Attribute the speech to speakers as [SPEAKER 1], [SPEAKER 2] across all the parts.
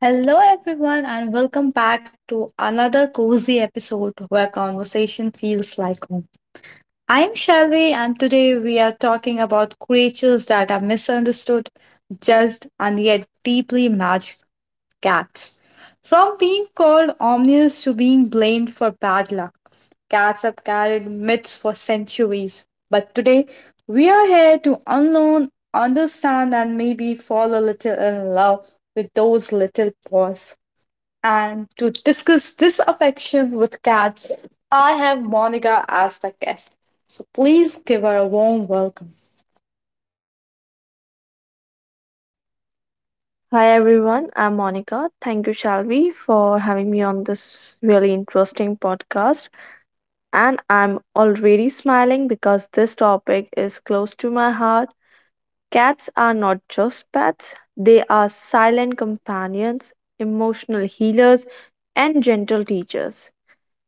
[SPEAKER 1] Hello, everyone, and welcome back to another cozy episode where conversation feels like home. I'm Shelby, and today we are talking about creatures that are misunderstood, judged, and yet deeply magical cats. From being called omnious to being blamed for bad luck, cats have carried myths for centuries. But today, we are here to unlearn, understand, and maybe fall a little in love with those little paws. And to discuss this affection with cats, I have Monica as the guest. So please give her a warm welcome.
[SPEAKER 2] Hi everyone, I'm Monica. Thank you, Shalvi, for having me on this really interesting podcast. And I'm already smiling because this topic is close to my heart. Cats are not just pets, they are silent companions, emotional healers, and gentle teachers.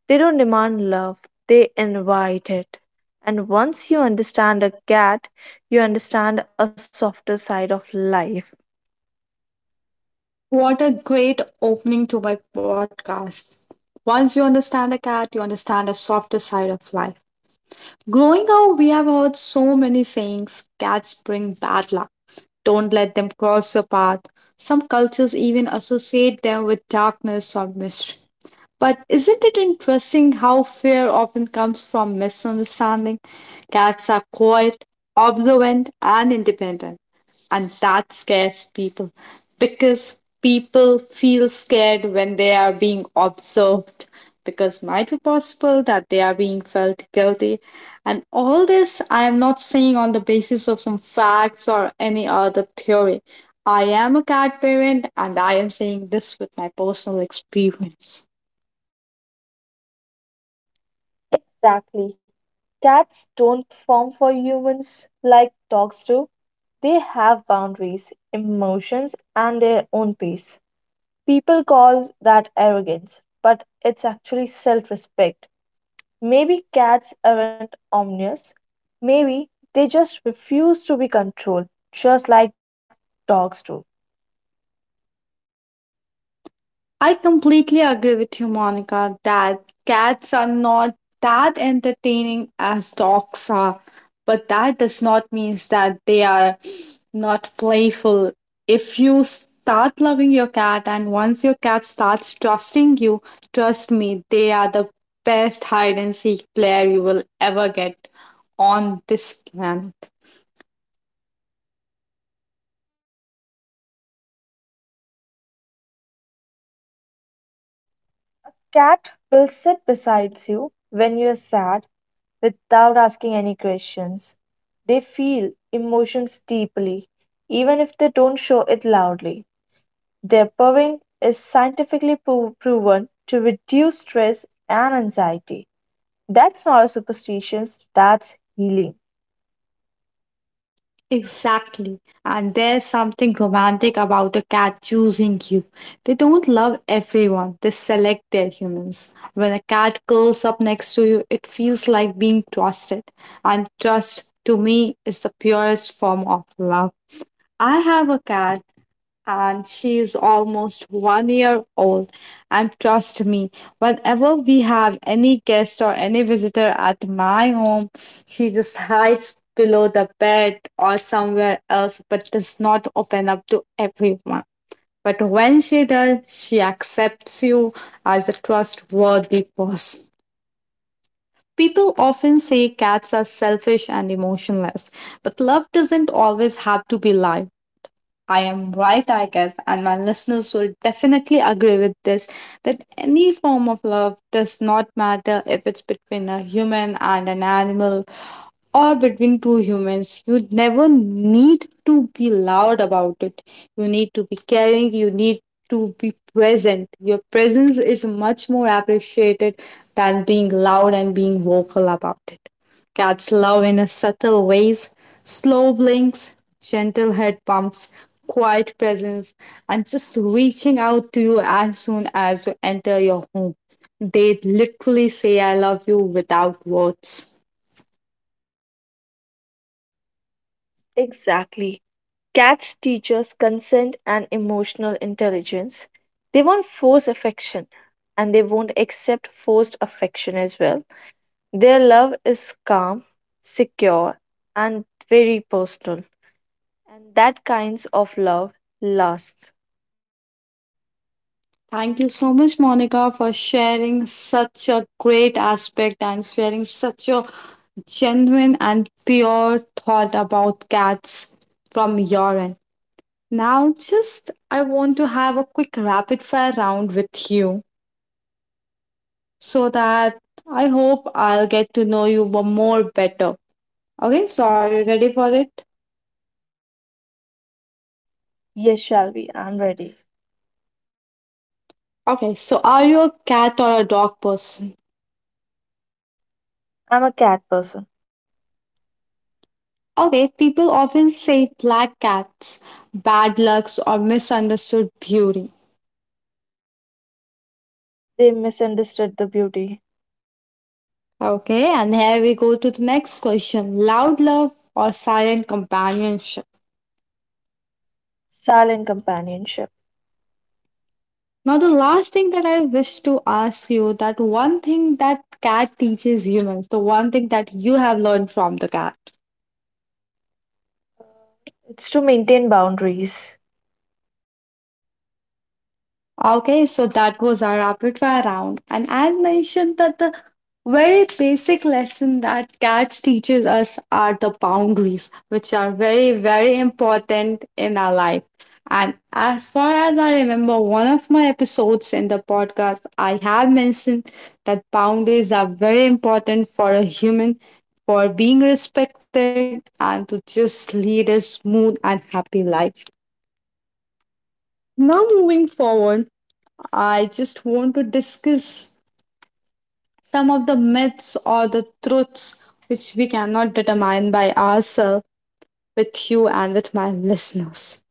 [SPEAKER 2] They don't demand love, they invite it. And once you understand a cat, you understand a softer side of life.
[SPEAKER 1] What a great opening to my podcast. Once you understand a cat, you understand a softer side of life. Growing up, we have heard so many sayings cats bring bad luck. Don't let them cross your path. Some cultures even associate them with darkness or mystery. But isn't it interesting how fear often comes from misunderstanding? Cats are quiet, observant, and independent, and that scares people because people feel scared when they are being observed because might be possible that they are being felt guilty. And all this, I am not saying on the basis of some facts or any other theory. I am a cat parent and I am saying this with my personal experience.
[SPEAKER 2] Exactly. Cats don't perform for humans like dogs do. They have boundaries, emotions, and their own pace. People call that arrogance, but it's actually self respect. Maybe cats aren't omnious. Maybe they just refuse to be controlled, just like dogs do.
[SPEAKER 1] I completely agree with you, Monica, that cats are not that entertaining as dogs are, but that does not mean that they are not playful. If you start loving your cat and once your cat starts trusting you, trust me, they are the best hide and seek player you will ever get on this planet.
[SPEAKER 2] Cat will sit beside you when you're sad, without asking any questions. They feel emotions deeply, even if they don't show it loudly. Their purring is scientifically proven to reduce stress and anxiety. That's not a superstition, that's healing.
[SPEAKER 1] Exactly. And there's something romantic about a cat choosing you. They don't love everyone, they select their humans. When a cat curls up next to you, it feels like being trusted. And trust, to me, is the purest form of love. I have a cat and she is almost 1 year old. And trust me, whenever we have any guest or any visitor at my home, she just hides below the bed or somewhere else, but does not open up to everyone. But when she does, she accepts you as a trustworthy person. People often say cats are selfish and emotionless, but love doesn't always have to be live. I am right, I guess, and my listeners will definitely agree with this that any form of love does not matter if it's between a human and an animal, or between two humans. You never need to be loud about it. You need to be caring, you need to be present. Your presence is much more appreciated than being loud and being vocal about it. Cats love in a subtle ways, slow blinks, gentle head bumps, quiet presence, and just reaching out to you as soon as you enter your home. They literally say I love you without words.
[SPEAKER 2] Exactly. Cats teach us consent and emotional intelligence. They won't force affection and they won't accept forced affection as well. Their love is calm, secure, and very personal. And that kinds of love lasts.
[SPEAKER 1] Thank you so much, Monica, for sharing such a great aspect and sharing such a genuine and pure thought about cats from your end. Now, just I want to have a quick rapid fire round with you so that I hope I'll get to know you more better. Okay, so are you ready for it?
[SPEAKER 2] Yes, Shalvi, I'm ready.
[SPEAKER 1] Okay, so are you a cat or a dog person?
[SPEAKER 2] I'm a cat person.
[SPEAKER 1] Okay, people often say black cats, bad lucks, or misunderstood beauty.
[SPEAKER 2] They misunderstood the beauty.
[SPEAKER 1] Okay, and here we go to the next question, loud love or silent companionship.
[SPEAKER 2] Silent companionship.
[SPEAKER 1] Now, the last thing that I wish to ask you, that one thing that cat teaches humans, the one thing that you have learned from the cat.
[SPEAKER 2] It's to maintain boundaries.
[SPEAKER 1] Okay, so that was our rapid fire round. And as mentioned, that the very basic lesson that cats teaches us are the boundaries, which are very, very important in our life. And as far as I remember, one of my episodes in the podcast, I have mentioned that boundaries are very important for a human for being respected and to just lead a smooth and happy life. Now, moving forward, I just want to discuss some of the myths or the truths which we cannot determine by ourselves with you and with my listeners.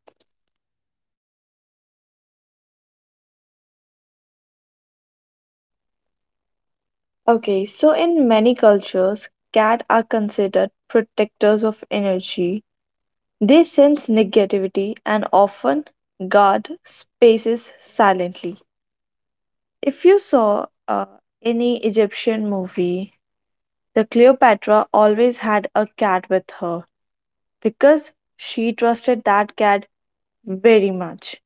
[SPEAKER 2] Okay, so in many cultures, cats are considered protectors of energy. They sense negativity and often guard spaces silently. If you saw any Egyptian movie, the Cleopatra always had a cat with her because she trusted that cat very much.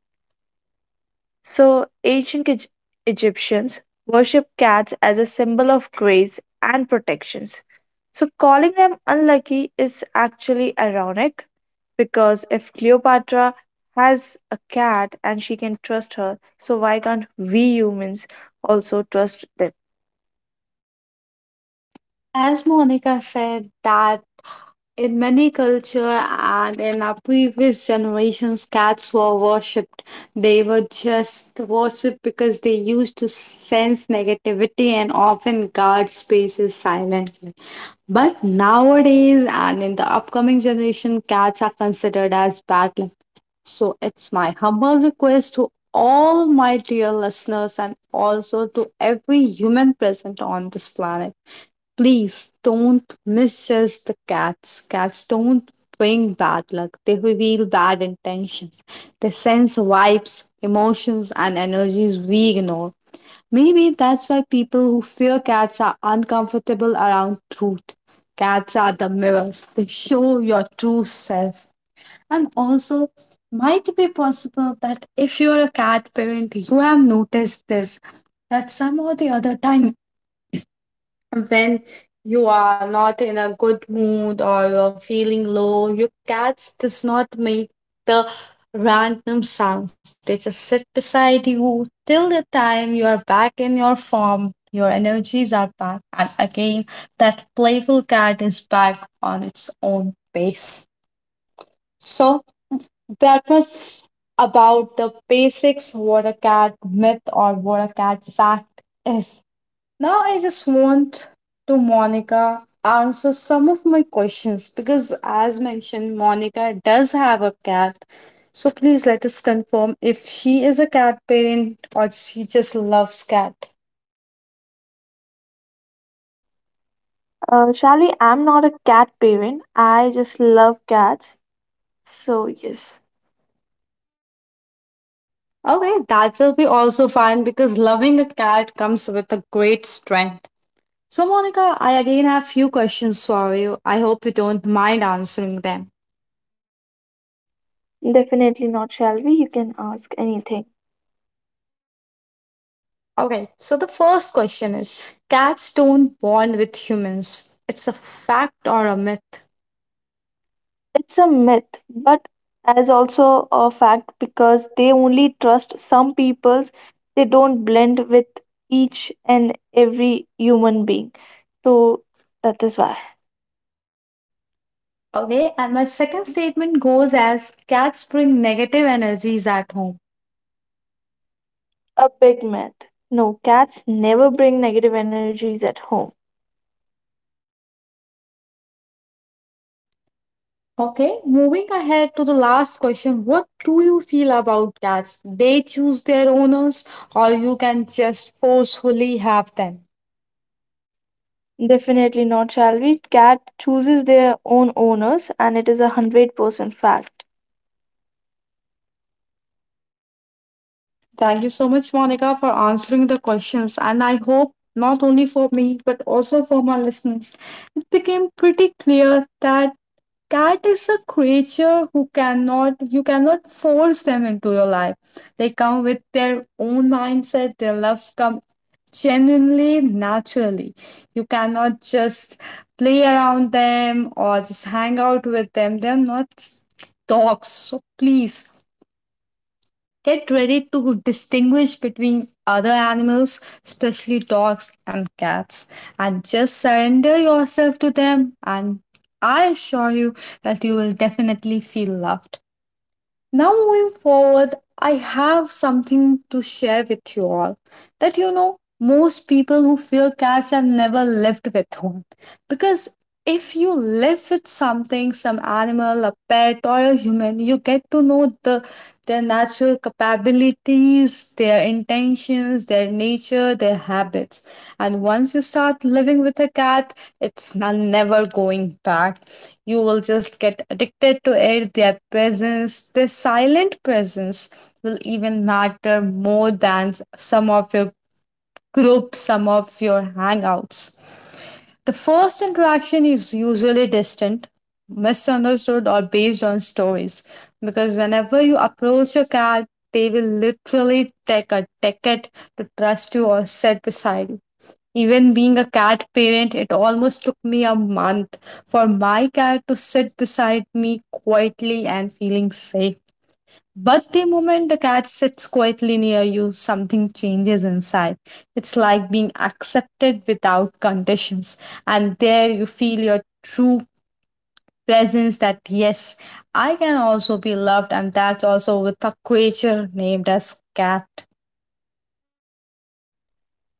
[SPEAKER 2] So, ancient Egyptians worshipped cats as a symbol of grace and protections. So, calling them unlucky is actually ironic because if Cleopatra has a cat and she can trust her, so why can't we humans also trust them?
[SPEAKER 1] As Monica said, that in many culture and in our previous generations, cats were worshipped. They were just worshipped because they used to sense negativity and often guard spaces silently. But nowadays and in the upcoming generation, cats are considered as bad luck. So it's my humble request to all my dear listeners and also to every human present on this planet. Please don't misjudge the cats. Cats don't bring bad luck. They reveal bad intentions. They sense vibes, emotions, and energies we ignore. Maybe that's why people who fear cats are uncomfortable around truth. Cats are the mirrors, they show your true self. And also, might be possible that if you're a cat parent, you have noticed this, that some or the other time when you are not in a good mood or you're feeling low, your cats does not make the random sounds. They just sit beside you till the time you are back in your form, your energies are back, and again that playful cat is back on its own pace. So that was about the basics what a cat myth or what a cat fact is. Now I just want to Monica answer some of my questions because as mentioned Monica does have a cat. So please let us confirm if she is a cat parent or she just loves cat.
[SPEAKER 2] Shalini, I'm not a cat parent. I just love cats. So, yes,
[SPEAKER 1] Okay, that will be also fine because loving a cat comes with a great strength. So Monica, I again have few questions for you. I hope you don't mind answering them.
[SPEAKER 2] definitely not, shall. You can ask anything.
[SPEAKER 1] Okay, so the first question is cats don't bond with humans. It's a fact or a myth.
[SPEAKER 2] It's a myth, but as also a fact because they only trust some peoples. They don't blend with each and every human being. So, that is why.
[SPEAKER 1] Okay, and my second statement goes as cats bring negative energies at home.
[SPEAKER 2] A big myth. No, cats never bring negative energies at home.
[SPEAKER 1] Okay, moving ahead to the last question, what do you feel about cats? They choose their owners or you can just forcefully have them?
[SPEAKER 2] Definitely not, shall we? Cat chooses their own owners, and it is 100% fact.
[SPEAKER 1] Thank you so much, Monica, for answering the questions. And I hope not only for me, but also for my listeners, it became pretty clear that cat is a creature who cannot, you cannot force them into your life. They come with their own mindset, their loves come genuinely, naturally. You cannot just play around them or just hang out with them. They're not dogs. So please get ready to distinguish between other animals, especially dogs and cats, and just surrender yourself to them. And I assure you that you will definitely feel loved. Now, moving forward, I have something to share with you all, that you know, most people who fear cats have never lived with one. Because if you live with something, some animal, a pet or a human, you get to know the their natural capabilities, their intentions, their nature, their habits. And once you start living with a cat, it's never going back. You will just get addicted to it. Their presence, their silent presence will even matter more than some of your groups, some of your hangouts. The first interaction is usually distant, misunderstood, or based on stories. Because whenever you approach a cat, they will literally take a ticket to trust you or sit beside you. Even being a cat parent, it almost took me a month for my cat to sit beside me quietly and feeling safe. But the moment the cat sits quietly near you, something changes inside. It's like being accepted without conditions. And there you feel your true presence that, yes, I can also be loved. And that's also with a creature named as cat.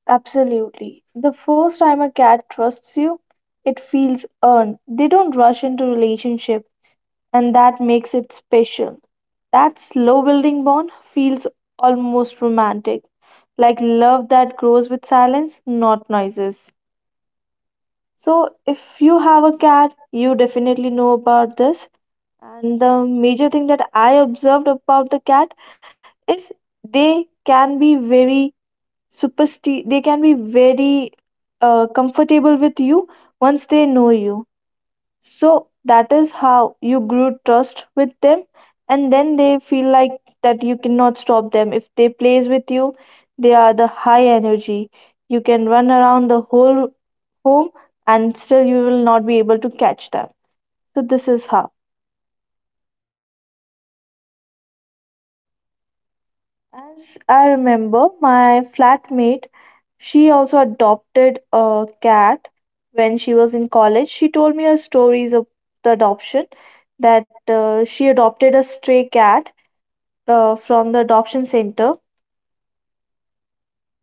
[SPEAKER 2] Absolutely. The first time a cat trusts you, it feels earned. They don't rush into relationship, and that makes it special. That slow building bond feels almost romantic, like love that grows with silence, not noises. So, if you have a cat, you definitely know about this. And the major thing that I observed about the cat is they can be very supersti they can be very comfortable with you once they know you. So that is how you grew trust with them, and then they feel like that you cannot stop them. If they plays with you, they are the high energy. You can run around the whole home and still you will not be able to catch them. So this is how. As I remember, my flatmate, she also adopted a cat when she was in college. She told me her stories of the adoption that she adopted a stray cat from the adoption center.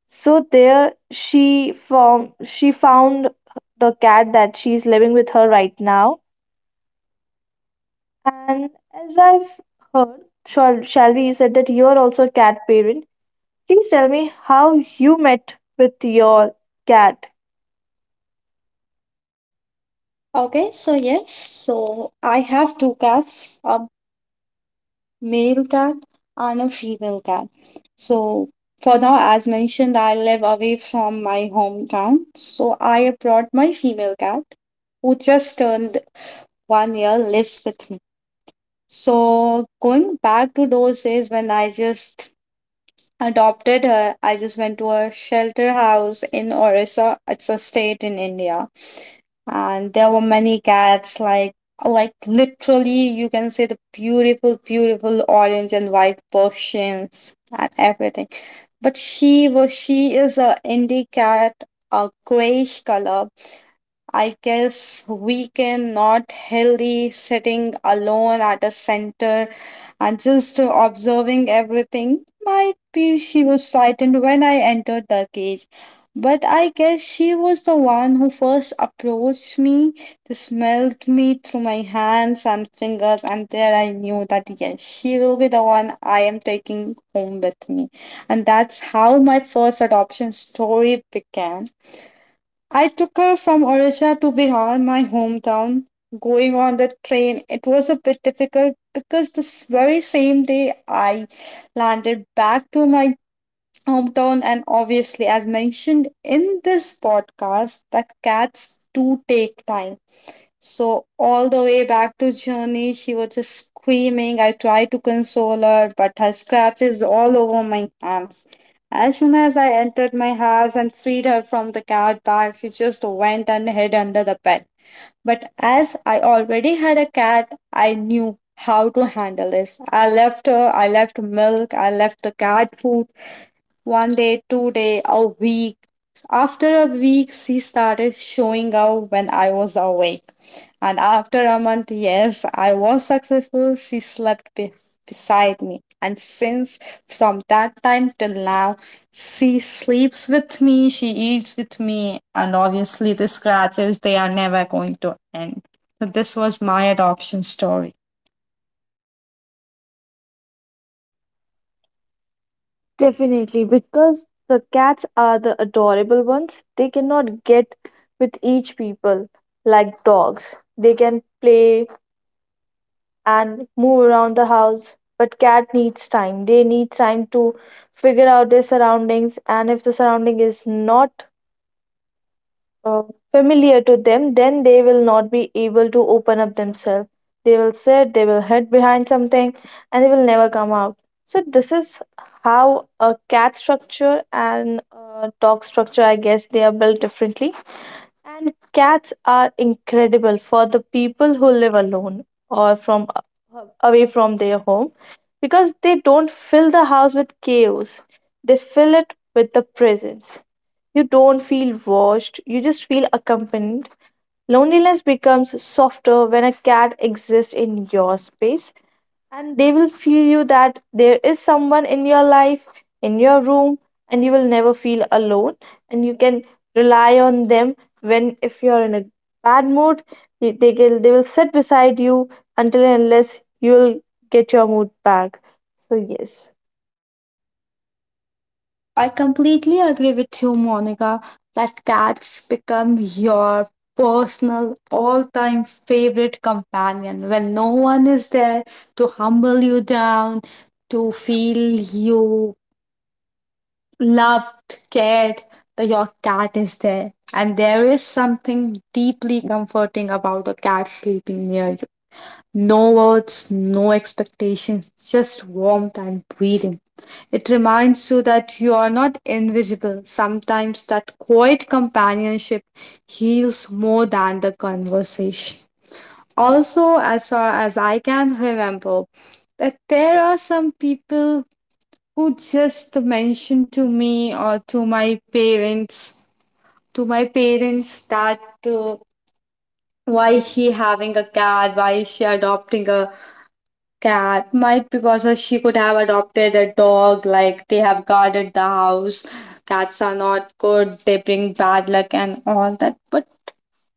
[SPEAKER 2] So there she found the cat that she's living with her right now. And as I've heard, shall Shalvi, you said that you are also a cat parent. Please tell me how you met with your cat.
[SPEAKER 1] Okay, so yes, so I have two cats. Male cat and a female cat. So for now, as mentioned, I live away from my hometown. So I brought my female cat who just turned 1 year lives with me. So going back to those days when I just adopted her, I just went to a shelter house in Orissa. It's a state in India and there were many cats like literally you can say the beautiful beautiful orange and white Persians and everything. But she is a indie cat, a grayish color, I guess. We can not healthy sitting alone at a center and just observing everything. Might be she was frightened when I entered the cage. But I guess she was the one who first approached me. They smelled me through my hands and fingers, and there I knew that yes, she will be the one I am taking home with me. And that's how my first adoption story began. I took her from Odisha to Bihar, my hometown. Going on the train, it was a bit difficult because this very same day I landed back to my hometown, and obviously, as mentioned in this podcast, that cats do take time. So all the way back to journey, she was just screaming. I tried to console her, but her scratches all over my hands. As soon as I entered my house and freed her from the cat bag, she just went and hid under the bed. But as I already had a cat, I knew how to handle this. I left her, I left milk, I left the cat food, one day, two day, a week. After a week, she started showing up when I was awake. And after a month, yes, I was successful. She slept beside me. And since from that time till now, she sleeps with me, she eats with me, and obviously the scratches, they are never going to end. So this was my adoption story.
[SPEAKER 2] Definitely, because the cats are the adorable ones. They cannot get with each people like dogs. They can play and move around the house. But cat needs time. They need time to figure out their surroundings, and if the surrounding is not uh, familiar to them, then they will not be able to open up themselves. They will sit, they will hide behind something, and they will never come out. So this is how a cat structure and a dog structure, I guess, they are built differently. And cats are incredible for the people who live alone or from away from their home because they don't fill the house with chaos, they fill it with the presence. You don't feel watched, you just feel accompanied. Loneliness becomes softer when a cat exists in your space, and they will feel you that there is someone in your life, in your room, and you will never feel alone. And you can rely on them when, if you are in a bad mood, they can they will sit beside you until and unless you will get your mood back. So yes.
[SPEAKER 1] I completely agree with you, Monica, that cats become your personal all time favorite companion when no one is there to humble you down, to feel you loved, cared. That your cat is there, and there is something deeply comforting about a cat sleeping near you. No words, no expectations, just warmth and breathing. It reminds you that you are not invisible. Sometimes that quiet companionship heals more than the conversation. Also, as far as I can remember, that there are some people who just mention to me or to my parents that uh, why is she having a cat? Why is she adopting a cat might because she could have adopted a dog like they have guarded the house. Cats are not good, they bring bad luck and all that. But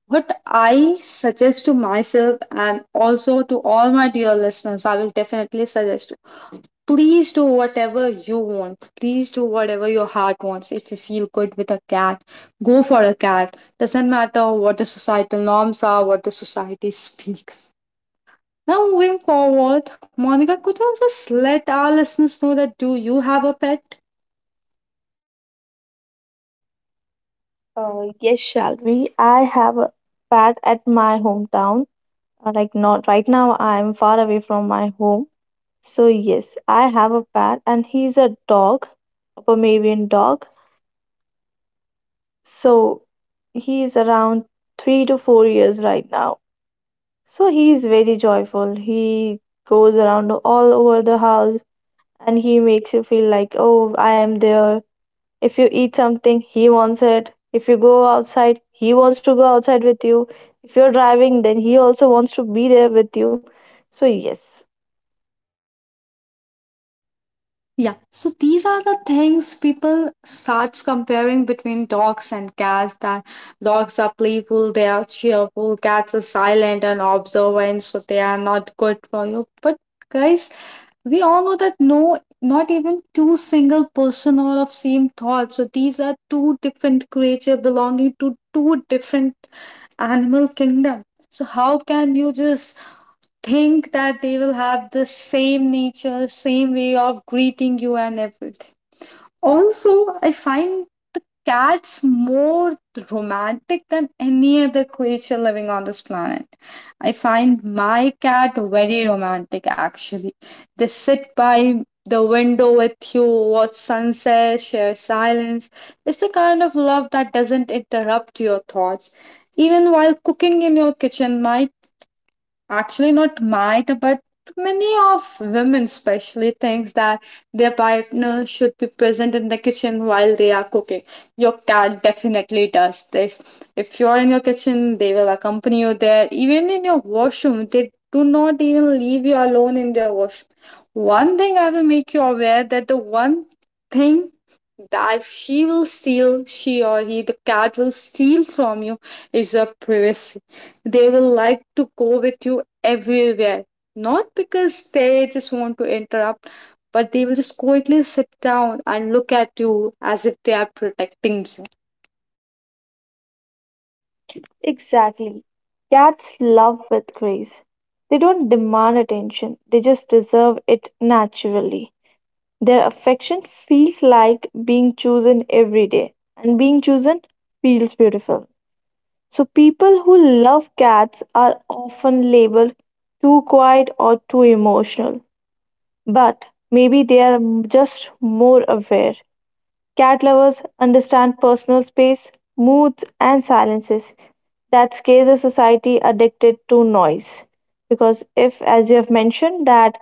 [SPEAKER 1] what I suggest to myself and also to all my dear listeners, I will definitely suggest to please do whatever you want, please do whatever your heart wants. If you feel good with a cat, go for a cat. Doesn't matter what the societal norms are, what the society speaks. Now, moving forward, Monica, could you just let our listeners know that do you have a pet?
[SPEAKER 2] Yes, shall we, I have a pet at my hometown. Like not right now, I am far away from my home. So yes, I have a pet and he's a dog, a Pomeranian dog. So he is around 3 to 4 years right now. So he is very joyful. He goes around all over the house and he makes you feel like, oh, I am there. If you eat something, he wants it. If you go outside, he wants to go outside with you. If you're driving, then he also wants to be there with you. So, yes,
[SPEAKER 1] Yeah, so these are the things people starts comparing between dogs and cats, that dogs are playful, they are cheerful, cats are silent and observant, so they are not good for you. But guys, we all know that no, not even two single person are of same thought. So these are two different creature belonging to two different animal kingdom. So how can you just think that they will have the same nature, same way of greeting you and everything. Also, I find the cats more romantic than any other creature living on this planet. I find my cat very romantic actually. They sit by the window with you, watch sunset, share silence. It's the kind of love that doesn't interrupt your thoughts. Even while cooking in your kitchen, my actually not might but many of women especially thinks that their partner should be present in the kitchen while they are cooking. Your cat definitely does this. If you're in your kitchen, they will accompany you there, even in your washroom. They do not even leave you alone in their washroom. One thing I will make you aware, that the one thing that she will steal, she or he, the cat will steal from you is your privacy. They will like to go with you everywhere. Not because they just want to interrupt, but they will just quietly sit down and look at you as if they are protecting you.
[SPEAKER 2] exactly. Cats love with grace. They don't demand attention, they just deserve it naturally. Their affection feels like being chosen every day, and being chosen feels beautiful. So, people who love cats are often labeled too quiet or too emotional, but maybe they are just more aware. Cat lovers understand personal space, moods, and silences that scares a society addicted to noise. Because if, as you have mentioned, that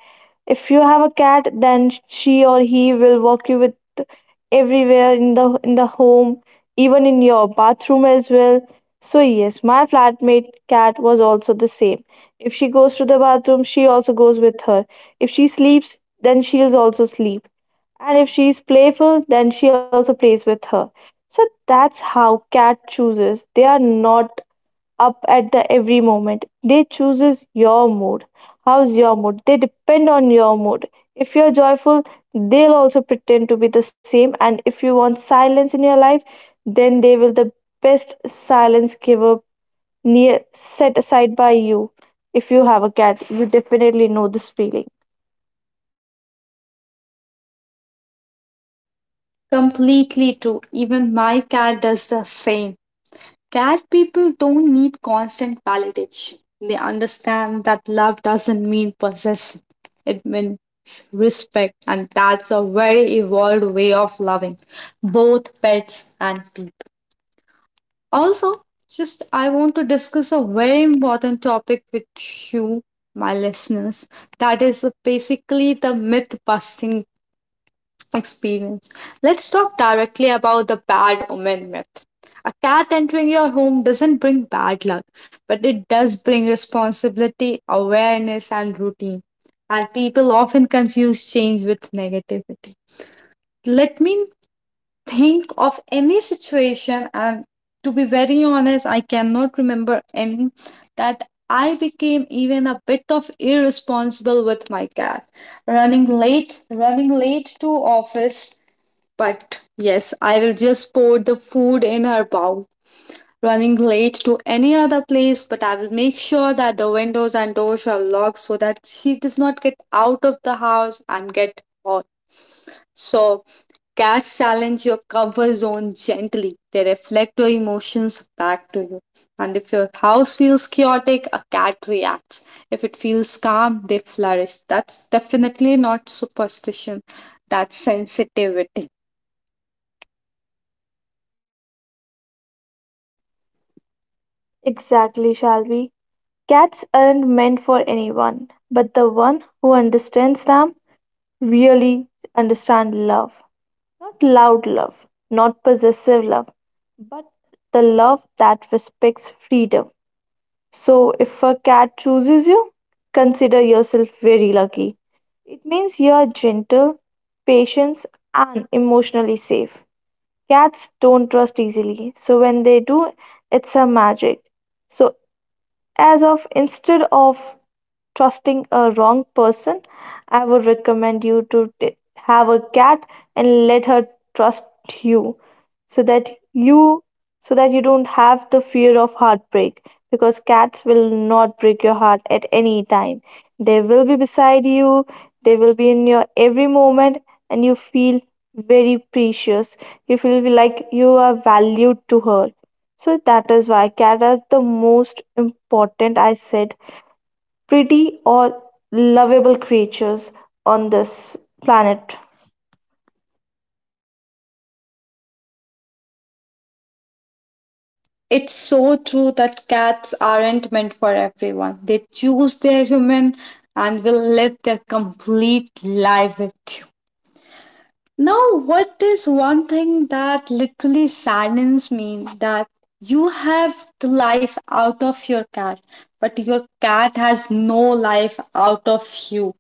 [SPEAKER 2] if you have a cat, then she or he will walk you with everywhere in the home, even in your bathroom as well. So yes, my flatmate cat was also the same. If she goes to the bathroom, she also goes with her. If she sleeps, then she'll also sleep, and if she's playful, then she also plays with her. So that's how cat chooses. They are not up at the every moment. They chooses your mood. How's your mood? They depend on your mood. If you're joyful, they'll also pretend to be the same. And if you want silence in your life, then they will the best silence giver near set aside by you. If you have a cat, you definitely know this feeling.
[SPEAKER 1] Completely true. Even my cat does the same. Cat people don't need constant validation. They understand that love doesn't mean possession, it means respect, and that's a very evolved way of loving both pets and people. Also, just I want to discuss a very important topic with you, my listeners. That is basically the myth busting experience. Let's talk directly about the bad omen myth. A cat entering your home doesn't bring bad luck, but it does bring responsibility, awareness, and routine. And people often confuse change with negativity. Let me think of any situation, and to be very honest, I cannot remember any, that I became even a bit of irresponsible with my cat. Running late to office, but yes, I will just pour the food in her bowl. Running late to any other place, but I will make sure that the windows and doors are locked so that she does not get out of the house and get hurt. So, cats challenge your comfort zone gently. They reflect your emotions back to you. And if your house feels chaotic, a cat reacts. If it feels calm, they flourish. That's definitely not superstition, that's sensitivity.
[SPEAKER 2] Exactly, shall we? Cats aren't meant for anyone, but the one who understands them really understands love. Not loud love, not possessive love, but the love that respects freedom. So if a cat chooses you, consider yourself very lucky. It means you are gentle, patient, and emotionally safe. Cats don't trust easily, so when they do, it's a magic. So, as of instead of trusting a wrong person, I would recommend you to have a cat and let her trust you, so that you don't have the fear of heartbreak, because cats will not break your heart at any time. They will be beside you, they will be in your every moment, and you feel very precious, you feel like you are valued to her. So that is why cat is the most important, I said, pretty or lovable creatures on this planet.
[SPEAKER 1] It's so true that cats aren't meant for everyone. They choose their human and will live their complete life with you. Now, what is one thing that literally saddens me, that you have the life out of your cat, but your cat has no life out of you?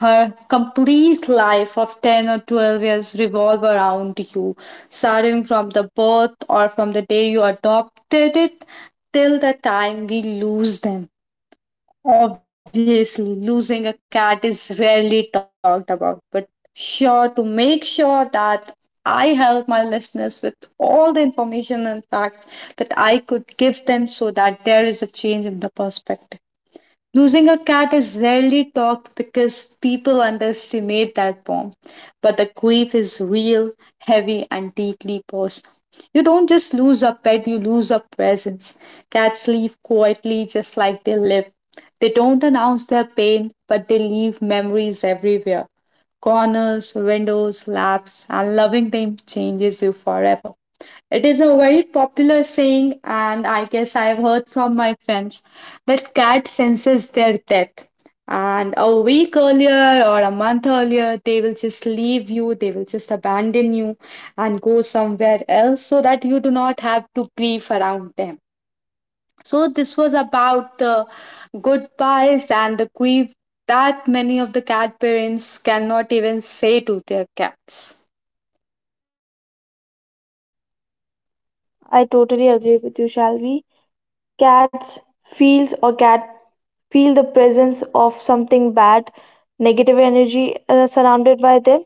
[SPEAKER 1] Her complete life of 10 or 12 years revolve around you, starting from the birth or from the day you adopted it till the time we lose them. Obviously, losing a cat is rarely talked about, but sure to make sure that I help my listeners with all the information and facts that I could give them so that there is a change in the perspective. Losing a cat is rarely talked because people underestimate that form, but the grief is real, heavy, and deeply personal. You don't just lose a pet, you lose a presence. Cats leave quietly just like they live. They don't announce their pain, but they leave memories everywhere, corners, windows, laps, and loving them changes you forever. It is a very popular saying, and I guess I've heard from my friends that cat senses their death. And a week earlier or a month earlier, they will just leave you, they will just abandon you and go somewhere else so that you do not have to grieve around them. So, this was about the goodbyes and the grief that many of the cat parents cannot even say to their cats.
[SPEAKER 2] I totally agree with you, Shalvi. Cats feels or cat feel the presence of something bad, negative energy surrounded by them.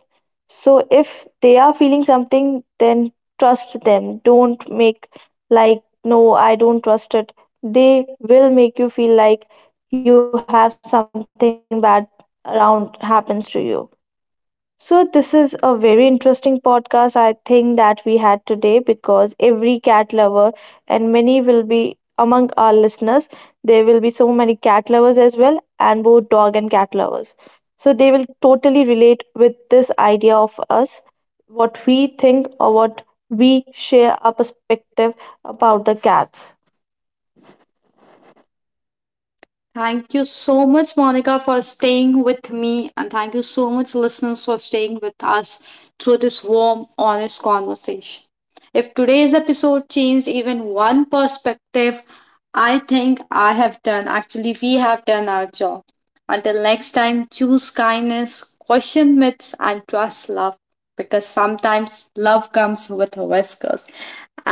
[SPEAKER 2] So if they are feeling something, then trust them. Don't make like no, I don't trust it. They will make you feel like you have something bad around happens to you. So, this is a very interesting podcast I think that we had today, because every cat lover, and many will be among our listeners. There will be so many cat lovers as well, and both dog and cat lovers. So, they will totally relate with this idea of us, what we think, or what we share our perspective about the cats.
[SPEAKER 1] Thank you so much, Monica, for staying with me. And thank you so much, listeners, for staying with us through this warm, honest conversation. If today's episode changed even one perspective, I think I have done, actually, we have done our job. Until next time, choose kindness, question myths, and trust love, because sometimes love comes with whiskers.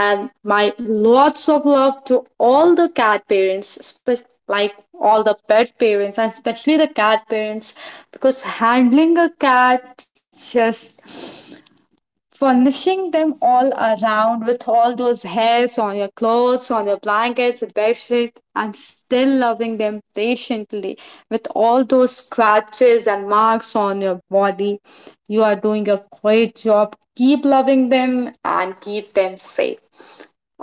[SPEAKER 1] And my lots of love to all the cat parents, especially like all the pet parents and especially the cat parents, because handling a cat, just furnishing them all around with all those hairs on your clothes, on your blankets, bedsheet, and still loving them patiently with all those scratches and marks on your body. You are doing a great job. Keep loving them and keep them safe.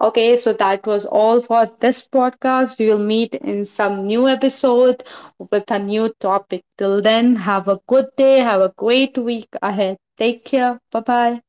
[SPEAKER 1] Okay, so that was all for this podcast. We will meet in some new episode with a new topic. Till then, have a good day, have a great week ahead. Take care. Bye bye.